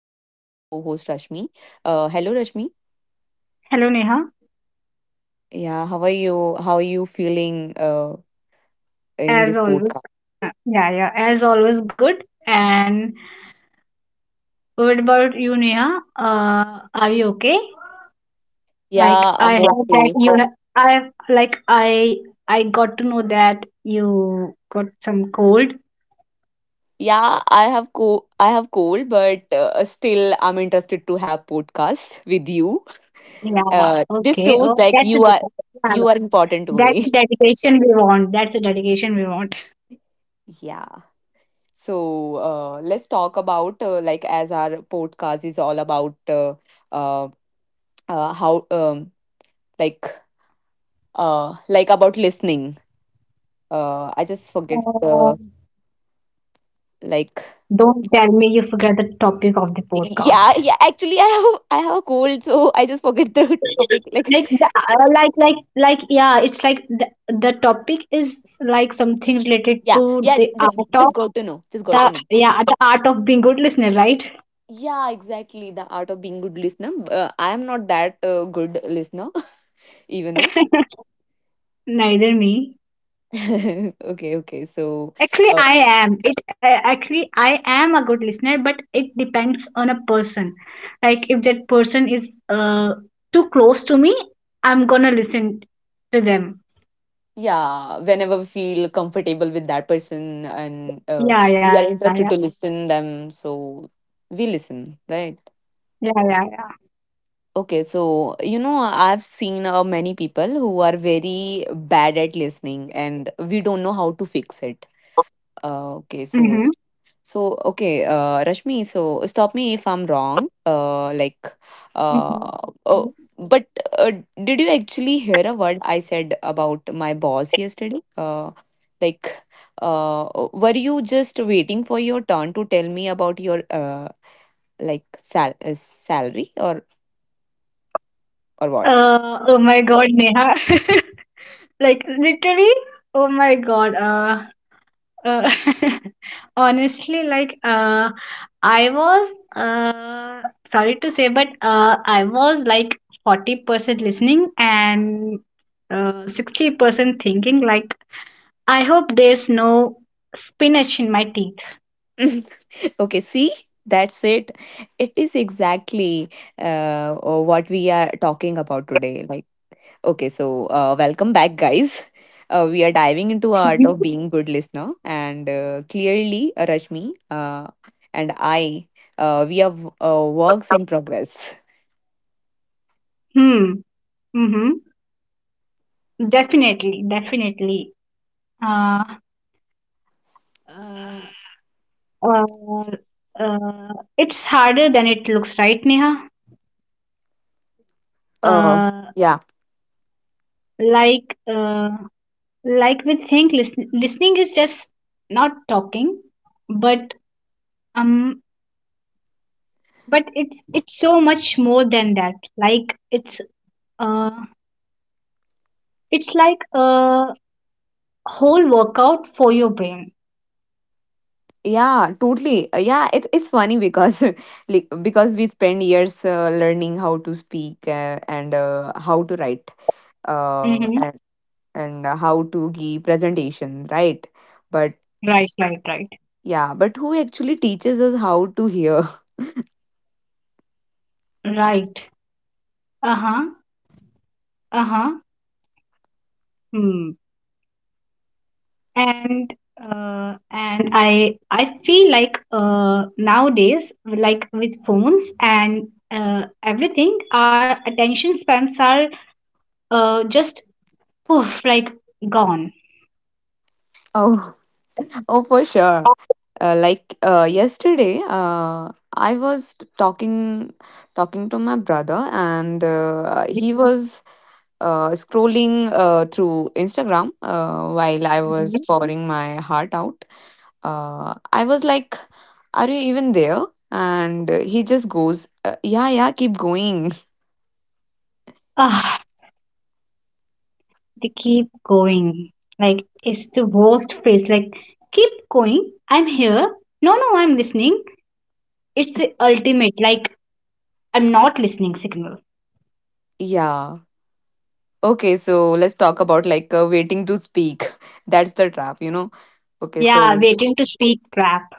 with my co-host Rashmi. Hello Rashmi. Hello, Neha. Yeah, how are you? How are you feeling in this As podcast? always. Yeah, yeah, yeah, as always, good. And what about you, Neha? Are you okay? Like Yeah, I I'm Yeah. Heard that okay. you, I like I got to know that you got some cold. Yeah, I have cold, but still I'm interested to have podcast with you. Yeah. Okay. This Oh, shows like that's a good. you are Yeah, you are important to that's me. the dedication we want. That's the dedication we want. Yeah. So let's talk about like as our podcast is all about uh, how like like about listening I just forget Uh, like. don't tell me you forget the topic of the Yeah, podcast. yeah, actually I have a cold, so I just forget the topic, like. Like yeah it's like the topic is like something related Yeah, to yeah, the just art of just got to know, just got to the know. yeah the art of being good listener, right? Yeah, exactly, the art of being good listener. I am not that good listener. Even though. Neither me. Okay, okay, so uh, Actually, I am a good listener, but it depends on a person. Like if that person is too close to me, I'm gonna listen to them. yeah, whenever we feel comfortable with that person, and Yeah, yeah, we are yeah. interested to listen them, so we listen, right? Yeah, yeah, yeah. Okay, so, I've seen many people who are very bad at listening, and we don't know how to fix it. Okay, Mm-hmm. so so, okay, Rashmi, so stop me if I'm wrong. Like, Mm-hmm. uh, oh, but uh, did you actually hear a word I said about my boss yesterday? Like, were you just waiting for your turn to tell me about your like, salary or what? Oh my God, Neha. like literally, oh my God. Uh honestly, like I was sorry to say, but I was like 40% listening and 60% thinking. Like I hope there's no spinach in my teeth. Okay, see, that's it. It is exactly what we are talking about today, like. Okay, so welcome back, guys. We are diving into art of being good listener, and clearly, Rashmi and I, we are works in progress. Hmm. Mm-hmm. Definitely, definitely. Uh, uh Uh, it's harder than it looks, right, Neha? Uh, Uh, yeah, like, uh, like we think, listening is just not talking, but um, but it's so much more than that. Uh, it's like a whole workout for your brain. yeah, totally. Yeah, it's funny because like because we spend years learning how to speak and how to write Mm-hmm. and how to give presentations, right? But Right, right, right, yeah, but who actually teaches us how to hear? right. Uh huh. Uh huh. Hmm. and uh, and I feel like nowadays, like with phones and everything, our attention spans are just poof, like gone. Oh, oh, for sure. Like, yesterday, I was talking to my brother, and he was scrolling through Instagram while I was pouring my heart out. I was like, "Are you even there?" And he just goes, "Yeah, yeah, keep going." Ah, they keep going. Like it's the worst phrase. Like keep going, I'm here, no no I'm listening. It's the ultimate, like I'm not listening signal. Yeah. Okay, so let's talk about, like, waiting to speak. That's the trap, you know. Okay, Yeah, so. waiting to speak crap.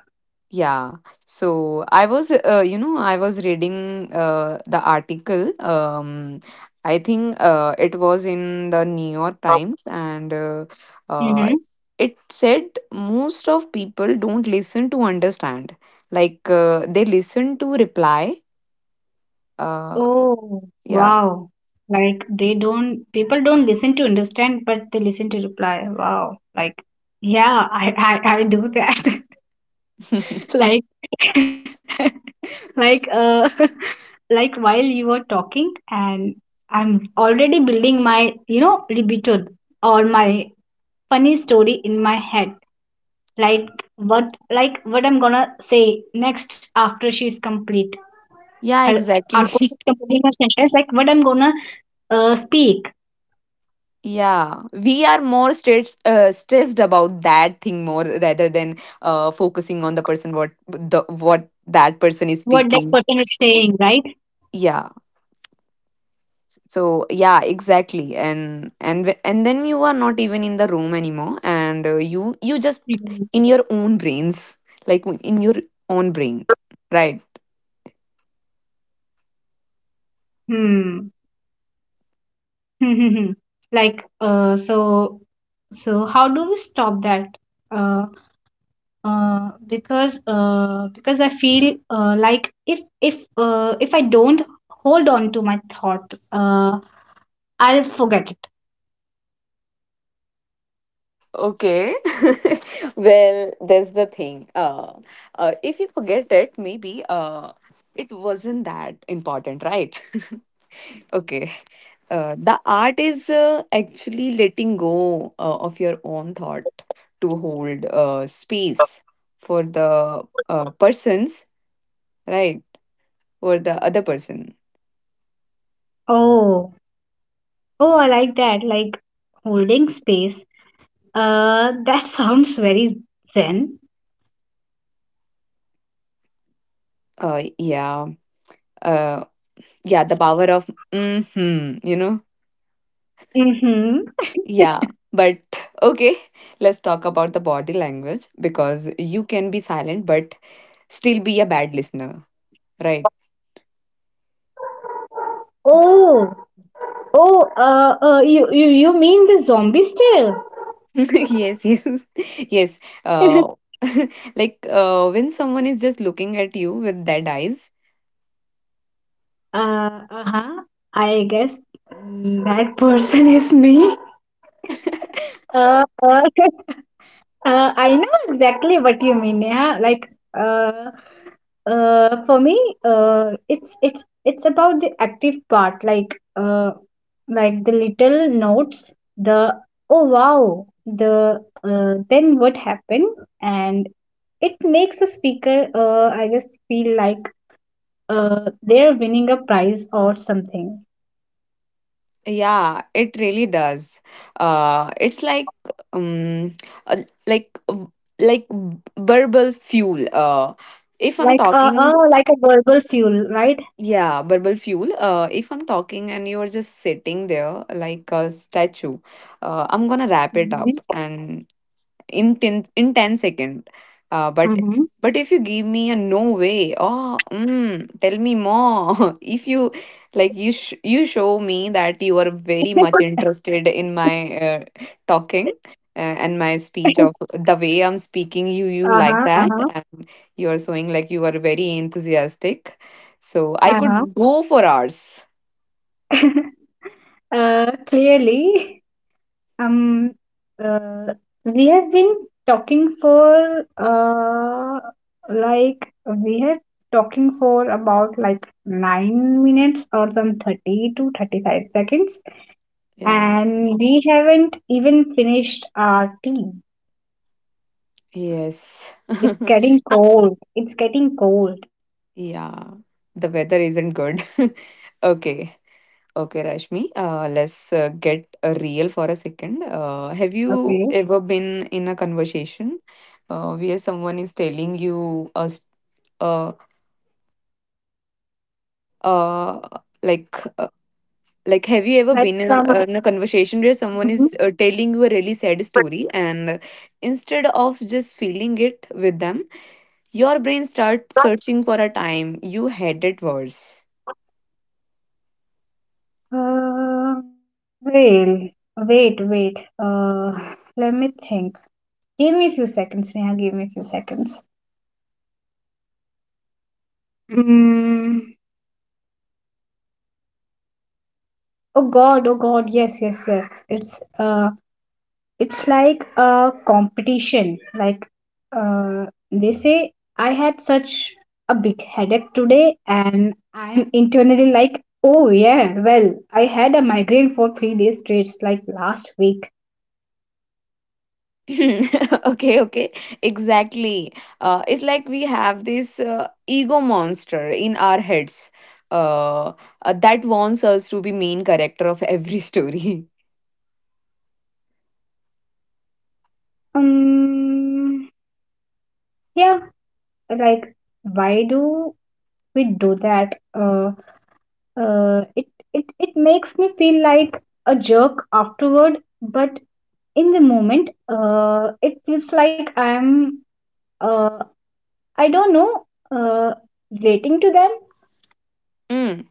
Yeah. So I was, I was reading the article. I think it was in the New York Times, and Mm-hmm. uh, it said most of people don't listen to understand. Like, they listen to reply. Uh, Oh, yeah. wow. Like they don't, People don't listen to understand, but they listen to reply. Wow. Like, yeah, I do that. Like, like, uh, like while you were talking, and I'm already building my, you know, libido or my funny story in my head. Like what like what I'm gonna say next after she's complete Yeah, her after she's exactly. completing her sentence. Like what I'm gonna speak. Yeah, we are more stressed about that thing more rather than focusing on the person, what the what that person is What that speaking. person is saying, right? Yeah. So yeah, exactly. And then you are not even in the room anymore, and you just Mhm. in your own brains, like in your own brain, right? hmm hmm. Hmm, hmm. like uh so so how do we stop that? uh because I feel, like, if I don't hold on to my thought, I'll forget it. Okay. Well, there's the thing. If you forget it, maybe it wasn't that important, right? Okay. The art is actually letting go of your own thought to hold space for the persons, right? For the other person. Oh, oh, I like that. Like holding space. That sounds very zen. Yeah. Uh, yeah, the power of, hmm, you know? Mm-hmm. Yeah. But okay, let's talk about the body language because you can be silent but still be a bad listener, right? Oh, oh, you mean the zombie style? Yes, yes. Yes. uh, like, when someone is just looking at you with dead eyes. Uh-huh. I guess, mm, that person is me. Uh, uh, I know exactly what you mean, Neha. Uh, for me, it's about the active part, like the little notes, the oh wow, the then what happened, and it makes a speaker, I guess, feel like they're winning a prize or something. Yeah, it really does. It's like, um uh, like, like b- verbal fuel, if I'm Like a talking. like a Google fuel, right? Yeah, verbal fuel, if I'm talking and you're just sitting there like a statue. I'm gonna wrap it Mm-hmm. up, and in 10 second, uh, but Mm-hmm. but if you give me a "no way, oh, mm, tell me more," if you you show me that you are very much interested in my talking and my speech of the way I'm speaking, you like Uh-huh, that, uh-huh, and you are showing like you are very enthusiastic, so I uh-huh. could go for hours. Clearly, um, uh, we have been talking for like we have talking for about like 9 minutes or some 30 to 35 seconds, Yeah, and we haven't even finished our tea. yes. It's getting cold. It's getting cold. Yeah, the weather isn't good. Okay. Okay, Rashmi, let's get real for a second. Have you Okay. ever been in a conversation where someone is telling you a uh, uh, like, like, have you ever been in a, Like uh, in um, a conversation where someone is mhm. telling you a really sad story, and instead of just feeling it with them, your brain starts Uh, searching for a time you had it worse? well, wait, wait. Let me think. Give me a few seconds, Neha. Give me a few seconds. Mm, oh God, oh God. Yes, yes, yes. It's like a competition. Like uh, they say I had such a big headache today, and I'm internally like, oh yeah, well I had a migraine for 3 days straight, like last week. Okay, okay, exactly. It's like we have this ego monster in our heads uh, that wants us to be main character of every story. Um, yeah. Like, why do we do that? uh, it it makes me feel like a jerk afterward, but in the moment, it feels like I'm, uh I don't know, uh, relating to them. Mm.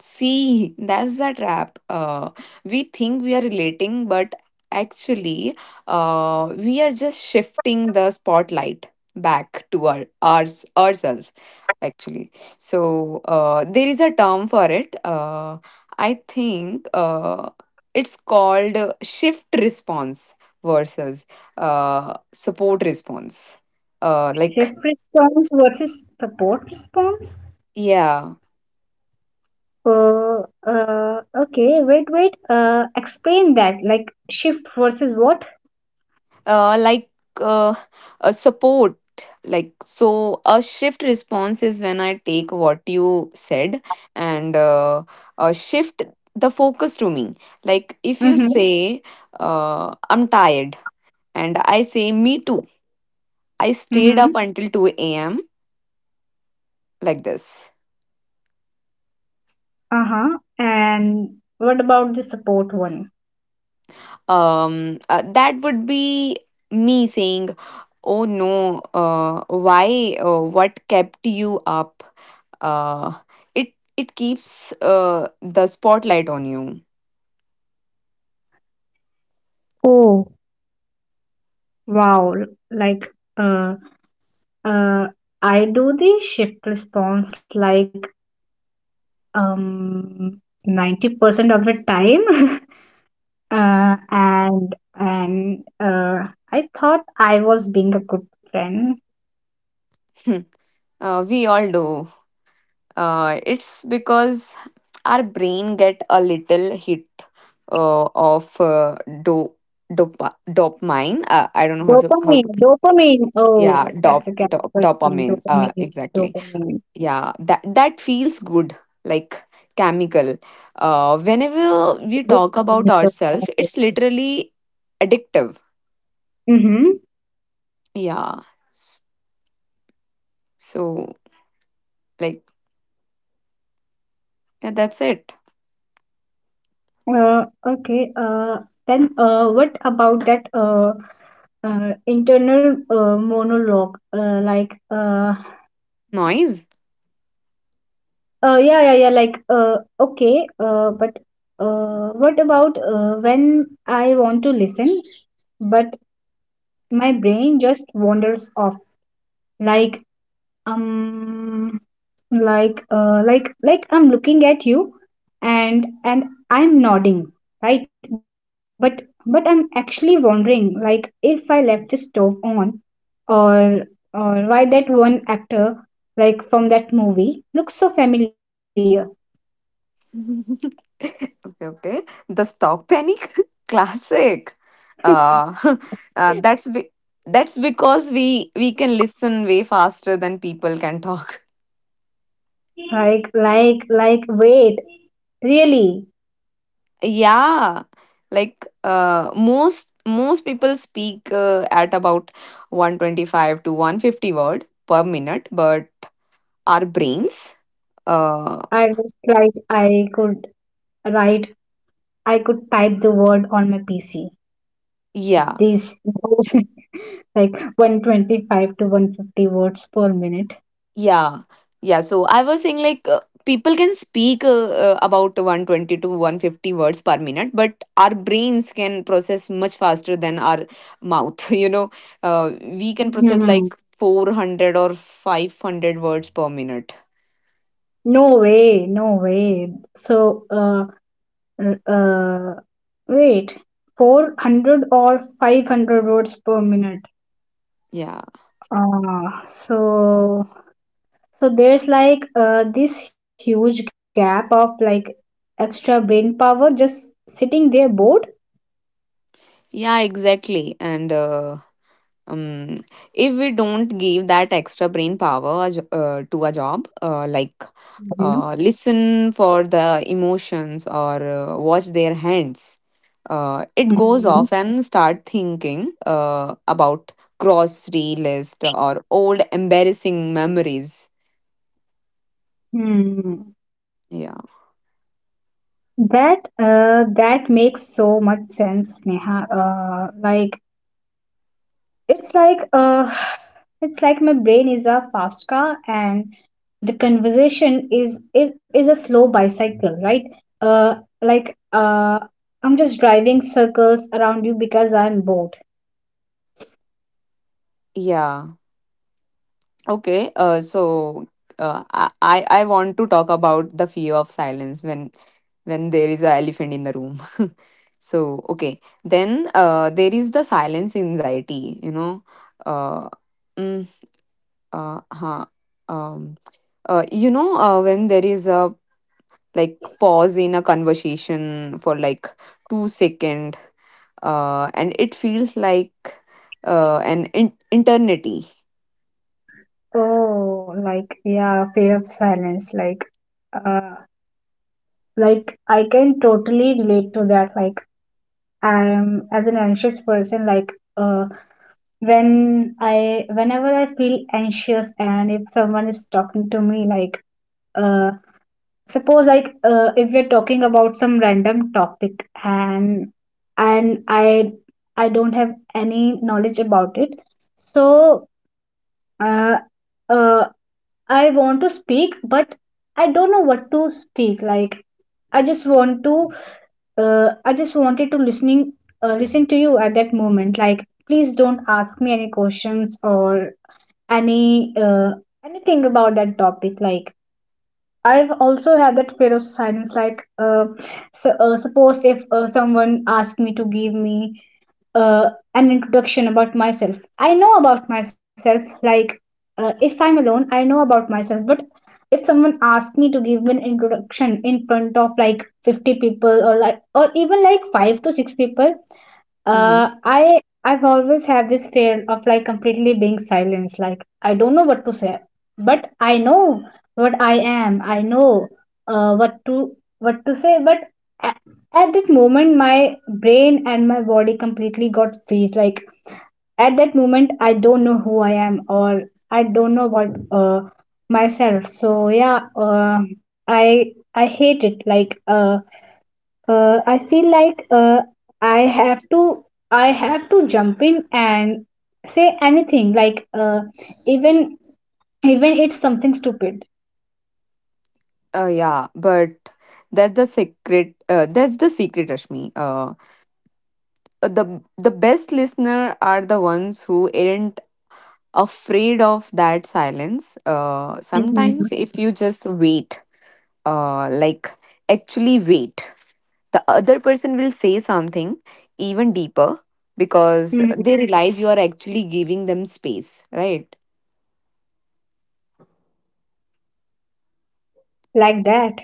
See, that's the trap. We think we are relating, but actually, we are just shifting the spotlight back to ourselves. Actually, so there is a term for it. I think it's called shift response versus support response. Shift Like, response versus support response. yeah. Okay, wait, wait. Explain that. Like shift versus what? Like, uh, a support, like, so a shift response is when I take what you said, and shift the focus to me. Like, if you Mm-hmm. say, "I'm tired," and I say, "Me too, I stayed Mm-hmm. up until 2 a.m." Like this. Uh-huh. And what about the support one? That would be me saying, "Oh no, why, what kept you up?" uh, it keeps the spotlight on you. Oh, wow. like uh uh I do the shift response, like um 90% of the time. And I thought I was being a good friend. We all do. It's because our brain get a little hit of do dopamine. I don't know how to, how Dopamine, to dopamine. Yeah, Oh, that's a chemical thing. dopamine. Dopamine, Exactly. dopamine. Yeah, that feels good, like chemical. Whenever we Good talk about chemical. ourselves, Okay. it's literally addictive. Mm-hmm. Yeah. So, like, yeah, that's it. Okay. Then what about that internal monologue? Noise. Yeah, yeah, yeah. Okay. But what about when I want to listen? But my brain just wanders off, like um like I'm looking at you and I'm nodding, right? But I'm actually wondering, like, if I left the stove on, or or why that one actor, like from that movie, looks so familiar. Okay, okay. The stock panic, classic. Uh, uh, that's be- that's because we can listen way faster than people can talk. Wait, really? Yeah, like, most people speak at about 125 to 150 word per minute, but our brains, uh, I was like I could write I could type the word on my PC. yeah. These goes like 125 to 150 words per minute. Yeah, yeah. So I was saying, like, people can speak about 120 to 150 words per minute, but our brains can process much faster than our mouth. We can process Mhm. like 400 or 500 words per minute. No way, no way. So, r- uh, wait, 400 or 500 words per minute. Yeah, Ah, so, there's like this huge gap of like extra brain power just sitting there bored. yeah, exactly. And um, if we don't give that extra brain power to a job, like, Mhm. Listen for the emotions, or watch their hands. It goes Mhm. off and start thinking about grocery list or old embarrassing memories. Hmm. Yeah, That makes so much sense, Neha. It's like, it's like my brain is a fast car and the conversation is a slow bicycle, right? Uh, like uh, I'm just driving circles around you because I'm bored. yeah. Okay. So I want to talk about the fear of silence when there is a elephant in the room. So okay, then there is the silence anxiety, you know. Uh, mm, uh, huh, um, when there is a like pause in a conversation for like 2 second, and it feels like an eternity. Oh, like yeah, fear of silence. Like uh, I can totally relate to that. Like I'm as an anxious person, like, uh, when I, whenever I feel anxious and if someone is talking to me, like uh, suppose if we're talking about some random topic and and I I don't have any knowledge about it, so uh, uh, I want to speak, but I don't know what to speak. Like, I just want to I just wanted to listen to you at that moment. Like, please don't ask me any questions or any anything about that topic. Like, I've also had that fear of silence. Suppose if someone asked me to give me an introduction about myself. I know about myself. Like, if I'm alone, I know about myself. But if someone asked me to give an introduction in front of like 50 people, or like or even like five to six people, Mm-hmm. I've always have this fear of like completely being silenced. Like, I don't know what to say, but I know what I am. I know what to say, but a- at that moment, my brain and my body completely got freeze. Like at that moment, I don't know who I am, or I don't know what, myself. So yeah, I hate it. I feel like, I have to I have to jump in and say anything. Even it's something stupid. Yeah, but that's the secret. That's the secret, Rashmi. The best listener are the ones who aren't afraid of that silence. Mhm. Sometimes if you just wait, like, actually wait. The other person will say something even deeper because Mhm. they realize you are actually giving them space, right? Like that.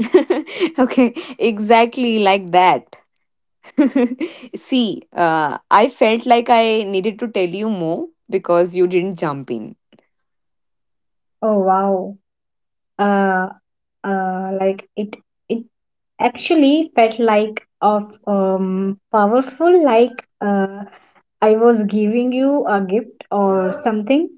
Okay, exactly like that. See, I felt like I needed to tell you more because you didn't jump in. Oh wow. uh like it actually felt like of powerful, like I was giving you a gift or something.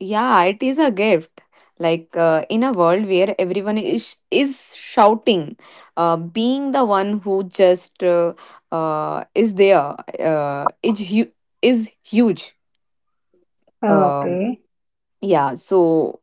Yeah, it is a gift. Like, in a world where everyone is shouting, being the one who just is there, uh, is, hu- is huge. Um Okay. yeah, so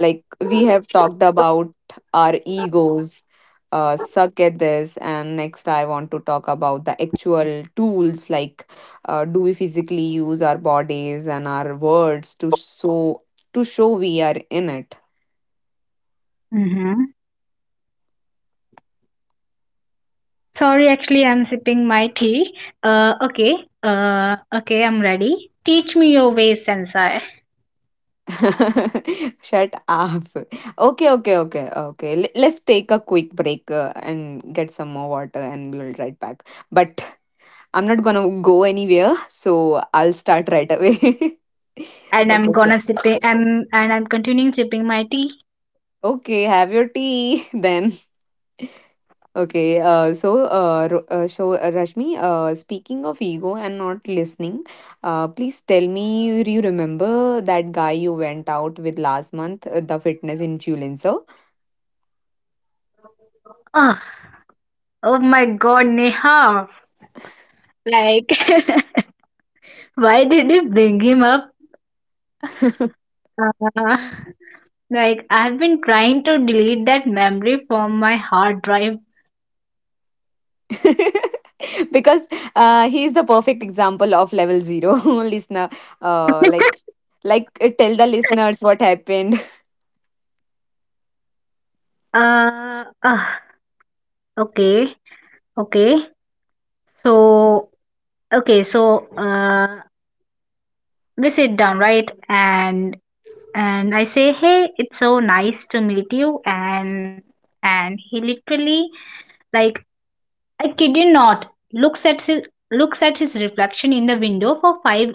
like we have talked about our egos suck at this, and next I want to talk about the actual tools, like, do we physically use our bodies and our words to show we are in it. Mm-hmm. Sorry, actually, I'm sipping my tea. Okay. Okay, I'm ready. Teach me your ways, sensei. Shut up. Okay, okay, okay, okay. Let's take a quick break and get some more water, and we'll right back. But I'm not gonna go anywhere, so I'll start right away. And I'm Okay, sir. gonna sipping. I'm continuing sipping my tea. Okay, have your tea then. Okay, Rashmi, speaking of ego and not listening, please tell me, do you remember that guy you went out with last month, the fitness influencer? Oh, oh my God, Neha! Like, why did you bring him up? Uh, like, I've been trying to delete that memory from my hard drive. Because he is the perfect example of level zero listener. Like, tell the listeners what happened. uh, uh, okay, okay. So, okay, so we sit down, right? And I say, hey, it's so nice to meet you. And he literally, like, I kid you not, looks at his looks at his reflection in the window for five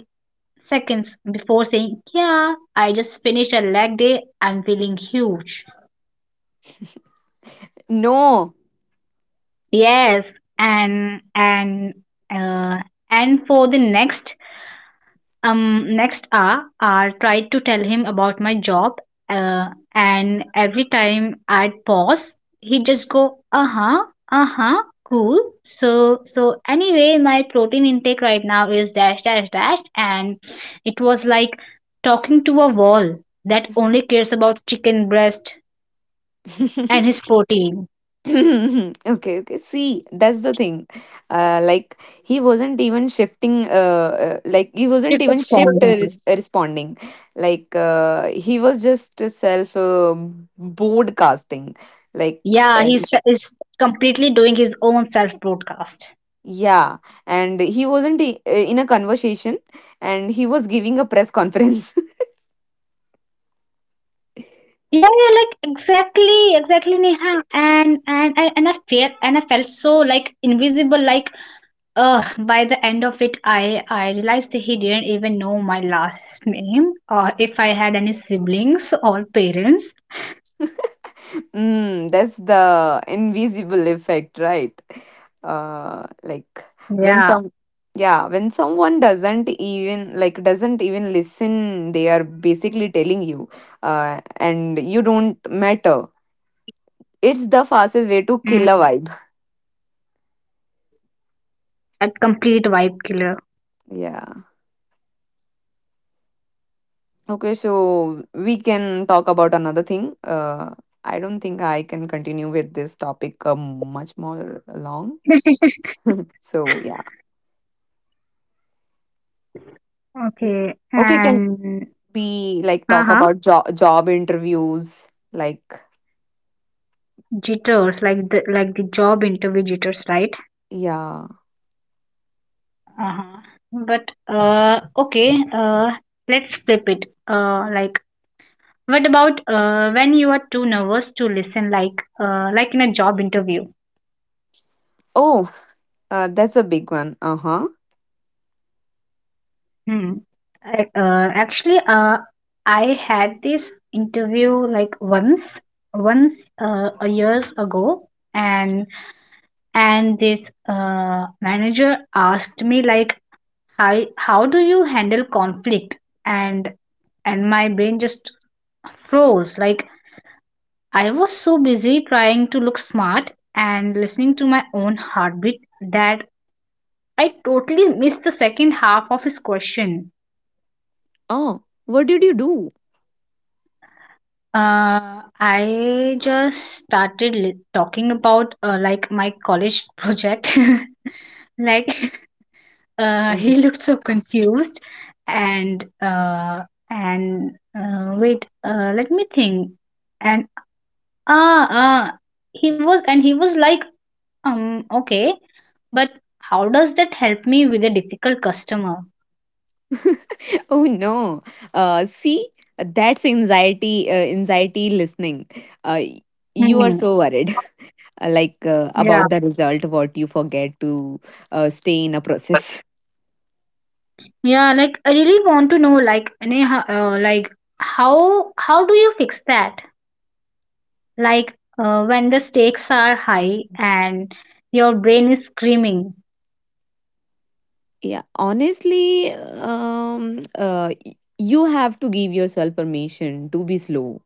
seconds before saying, yeah, I just finished a leg day. I'm feeling huge. No, Yes, and uh, and for the next um next hour I tried to tell him about my job, uh, and every time I'd pause he'd just go uh-huh, uh-huh, cool. So anyway, my protein intake right now is dash dash dash, and it was like talking to a wall that only cares about chicken breast and his protein. okay, okay, see that's the thing. Like he wasn't even shifting like he wasn't It's a even strong one. Responding. Like he was just a self broadcasting, like Yeah, uh, he's completely doing his own self broadcast. yeah. And he wasn't in a conversation, and he was giving a press conference. Yeah, yeah, like exactly, exactly, Neha. And I felt, so like invisible. Like, by the end of it, I realized that he didn't even know my last name, or if I had any siblings or parents. Mm, that's the invisible effect, right? Like Yeah. when some, yeah, when someone doesn't even like doesn't even listen, they are basically telling you, and you don't matter. It's the fastest way to kill a Mhm. vibe. A complete vibe killer. Yeah. Okay, so we can talk about another thing. I don't think I can continue with this topic much more long. So yeah. Okay, Okay, can and we like uh talk huh, about job interviews like jitters, like the job interview jitters, right? yeah. Uh-huh. But Okay, let's flip it. What about when you are too nervous to listen, like in a job interview? Oh, that's a big one, uh-huh. Hmm. I I had this interview like once a years ago, and and this manager asked me like, how do you handle conflict? And and my brain just froze like I was so busy trying to look smart and listening to my own heartbeat that I totally missed the second half of his question. Oh, what did you do? I just started talking about like my college project. like Uh-huh. he looked so confused, and uh, and let me think. And ah, uh, uh, and he was like okay, but how does that help me with a difficult customer? Oh no. See, that's anxiety. Anxiety listening. Uh, you are Hmm. so worried, Yeah. about the result. What you forget to stay in a process. Yeah, like I really want to know, like, any like how do you fix that? Like, when the stakes are high and your brain is screaming. Yeah, honestly, you have to give yourself permission to be slow.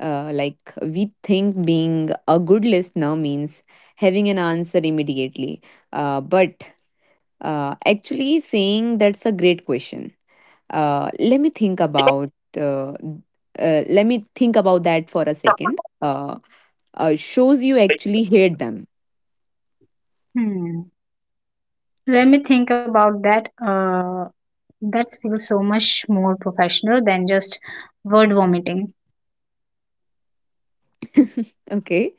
Like we think being a good listener means having an answer immediately, but actually saying that's a great question. Uh, let me think about uh, Let me think about that for a second. Shows you actually hate them. Hmm. Let me think about that. That feels so much more professional than just word vomiting. Okay.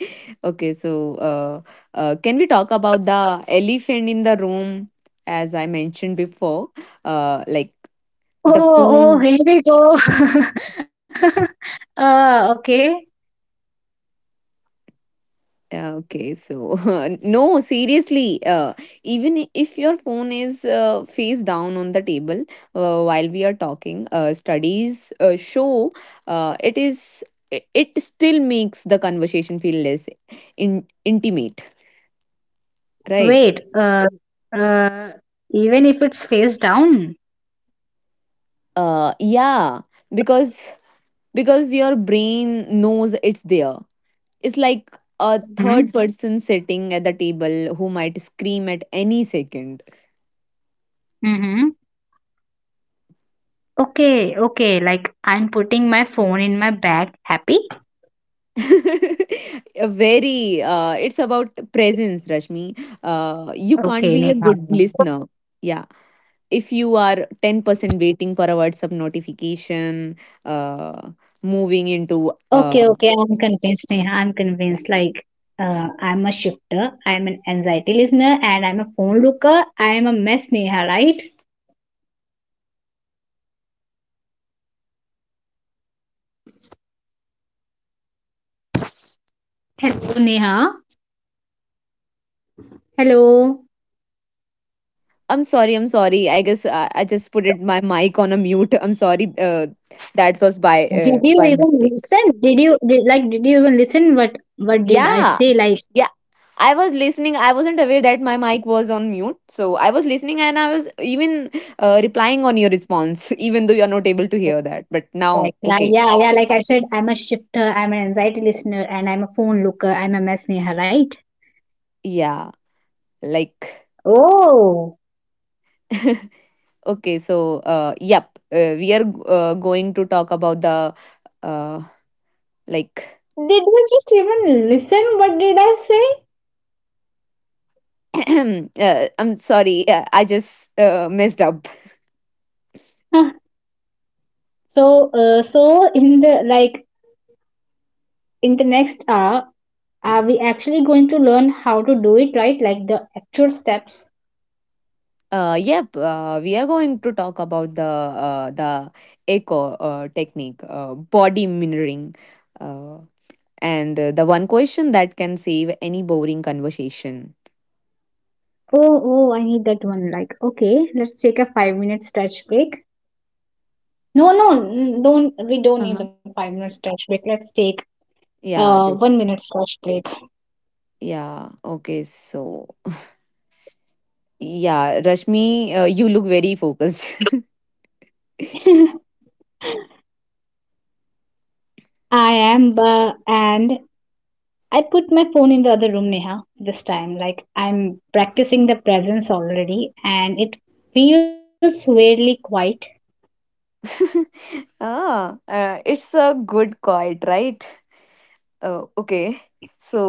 Okay. So, can we talk about the elephant in the room? As I mentioned before, like Oh, the oh, phone. here we go. Okay. Yeah, okay. So, no, seriously, even if your phone is face down on the table while we are talking, studies show it is. It still makes the conversation feel less intimate, right? Wait, uh, even if it's face down? Yeah, because your brain knows it's there. It's like a third Mm-hmm. person sitting at the table who might scream at any second. Mm-hmm. Okay, okay, like I'm putting my phone in my bag. Happy? A very, it's about presence, Rashmi. You can't Okay, be a Neha. good listener. Yeah. If you are 10% waiting for a WhatsApp notification, uh, moving into Okay, okay, I'm convinced, Neha. I'm yeah. convinced. Like, I'm a shifter, I'm an anxiety listener, and I'm a phone looker. I'm a mess, Neha, right? Hello, Neha. Hello. I'm sorry, I'm sorry. I guess I just put it my mic on a mute. I'm sorry. That was Did you by even mistake. listen? Did you did, like? Did you even listen? What did I Yeah, say? Like. yeah. I was listening. I wasn't aware that my mic was on mute. So I was listening and I was even replying on your response, even though you're not able to hear that. But now, Like, okay. yeah, yeah. Like I said, I'm a shifter, I'm an anxiety listener, and I'm a phone looker. I'm a mess neha, right? Yeah, like, Oh, okay. So, we are going to talk about the, uh, like, did you just even listen? What did I say? I'm sorry. I just messed up. So in the like in the next hour, are we actually going to learn how to do it right? Like the actual steps. Yep, we are going to talk about the echo technique, body mirroring, uh, and the one question that can save any boring conversation. Oh, oh, I need that one. Like, okay, let's take a 5 minute stretch break. No, no, don't. We don't Uh-huh. need a 5 minute stretch break. Let's take Yeah, one just minute stretch break. yeah. Okay, so yeah, Rashmi, you look very focused. I am, and I put my phone in the other room, Neha, this time. Like, I'm practicing the presence already, and it feels weirdly quiet. Ah, it's a good quiet, right? Oh, okay. So,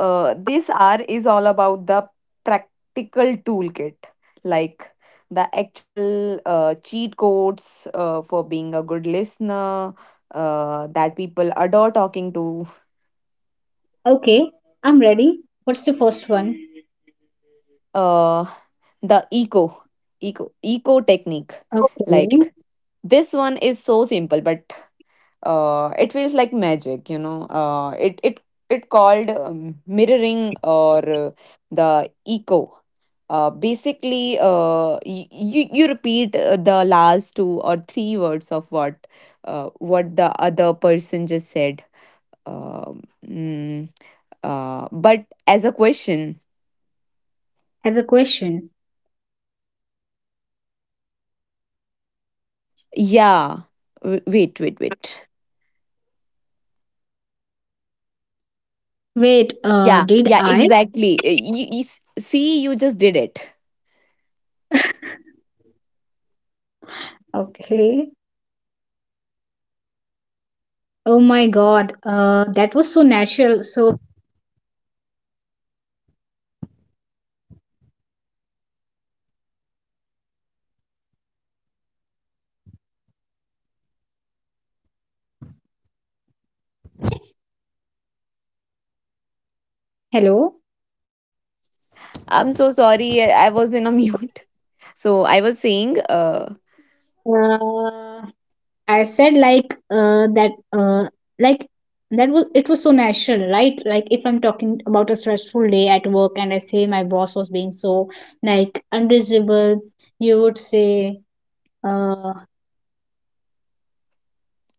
uh, this R is all about the practical toolkit, like the actual cheat codes for being a good listener that people adore talking to. Okay, I'm ready. What's the first one? Uh, the eco technique. Okay, Like this one is so simple, but it feels like magic. You know, it called mirroring or the eco. Basically, you you repeat the last two or three words of what the other person just said. Um, mm, but as a question, as a question. yeah. Wait, wait. Wait, Yeah, did yeah, I? exactly. You, see, you just did it. Okay. Oh my god, that was so natural. So, hello? I'm so sorry. I was in a mute. So I was saying, Uh, I said like that uh, like that was it was so natural, right? Like if I'm talking about a stressful day at work and I say my boss was being so like unreasonable, you would say uh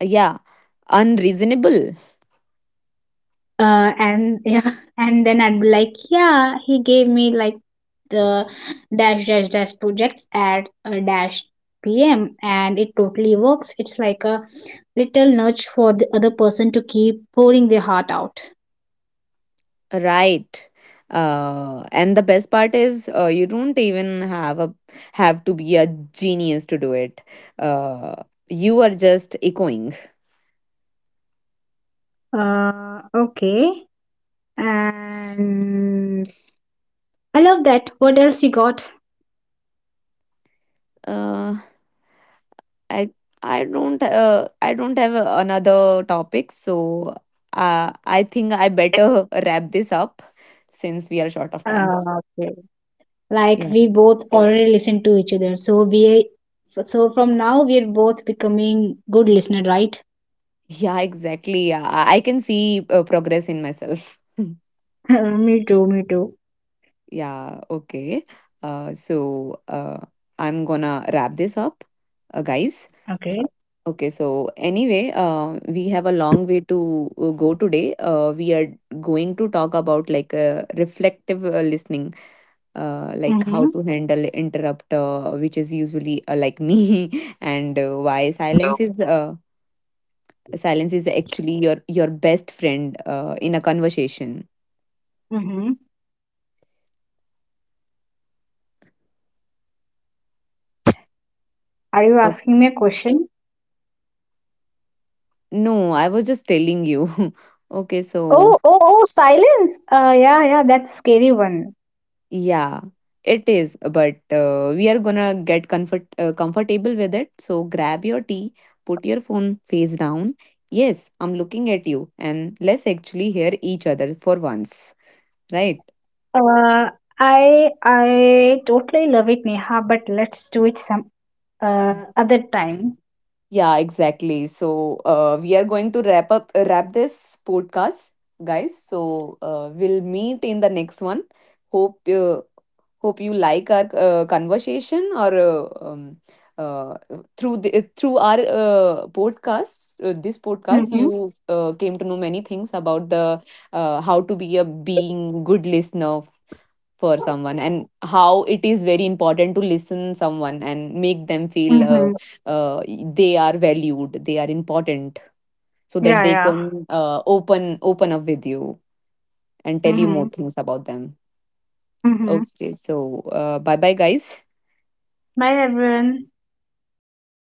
yeah, unreasonable. And yeah and then I'd be like yeah he gave me like the dash dash dash projects at a dash pm and it totally works it's like a little nudge for the other person to keep pouring their heart out Right. And the best part is you don't even have a have to be a genius to do it. Uh, you are just echoing. Okay. And I love that. What else you got? Uh, I I don't have another topic, so I think I better wrap this up since we are short of time. Ah, okay. Like Yeah. we both already listen to each other, so we so from now we're both becoming good listener, right? Yeah, exactly. Yeah, I can see progress in myself. me too. Me too. Yeah, okay. Uh, so uh, I'm gonna wrap this up, guys. Okay. Uh, Okay, so anyway, we have a long way to go today. We are going to talk about like reflective listening, like how Mm-hmm. to handle interrupt, which is usually like me, and why silence is actually your best friend in a conversation. Mm-hmm. Are you Oh, asking me a question? no, I was just telling you. Okay, so Oh, oh, oh, silence. Yeah, yeah, that's scary one. yeah, it is, but we are gonna get comfortable with it. So grab your tea, put your phone face down. Yes, I'm looking at you, and let's actually hear each other for once, right? Uh, I totally love it, Neha, but let's do it some other time. Yeah, exactly. So we are going to wrap this podcast, guys. So we'll meet in the next one. Hope uh, Hope you like our conversation or uh, through through our podcast, this podcast, Mm-hmm. you came to know many things about the how to be a being good listener for someone and how it is very important to listen someone and make them feel Mm-hmm. uh, they are valued, they are important, so that Yeah, they yeah. can open open up with you and tell you more Mhm. things about them. Mhm. Okay, so bye bye, guys. Bye, everyone.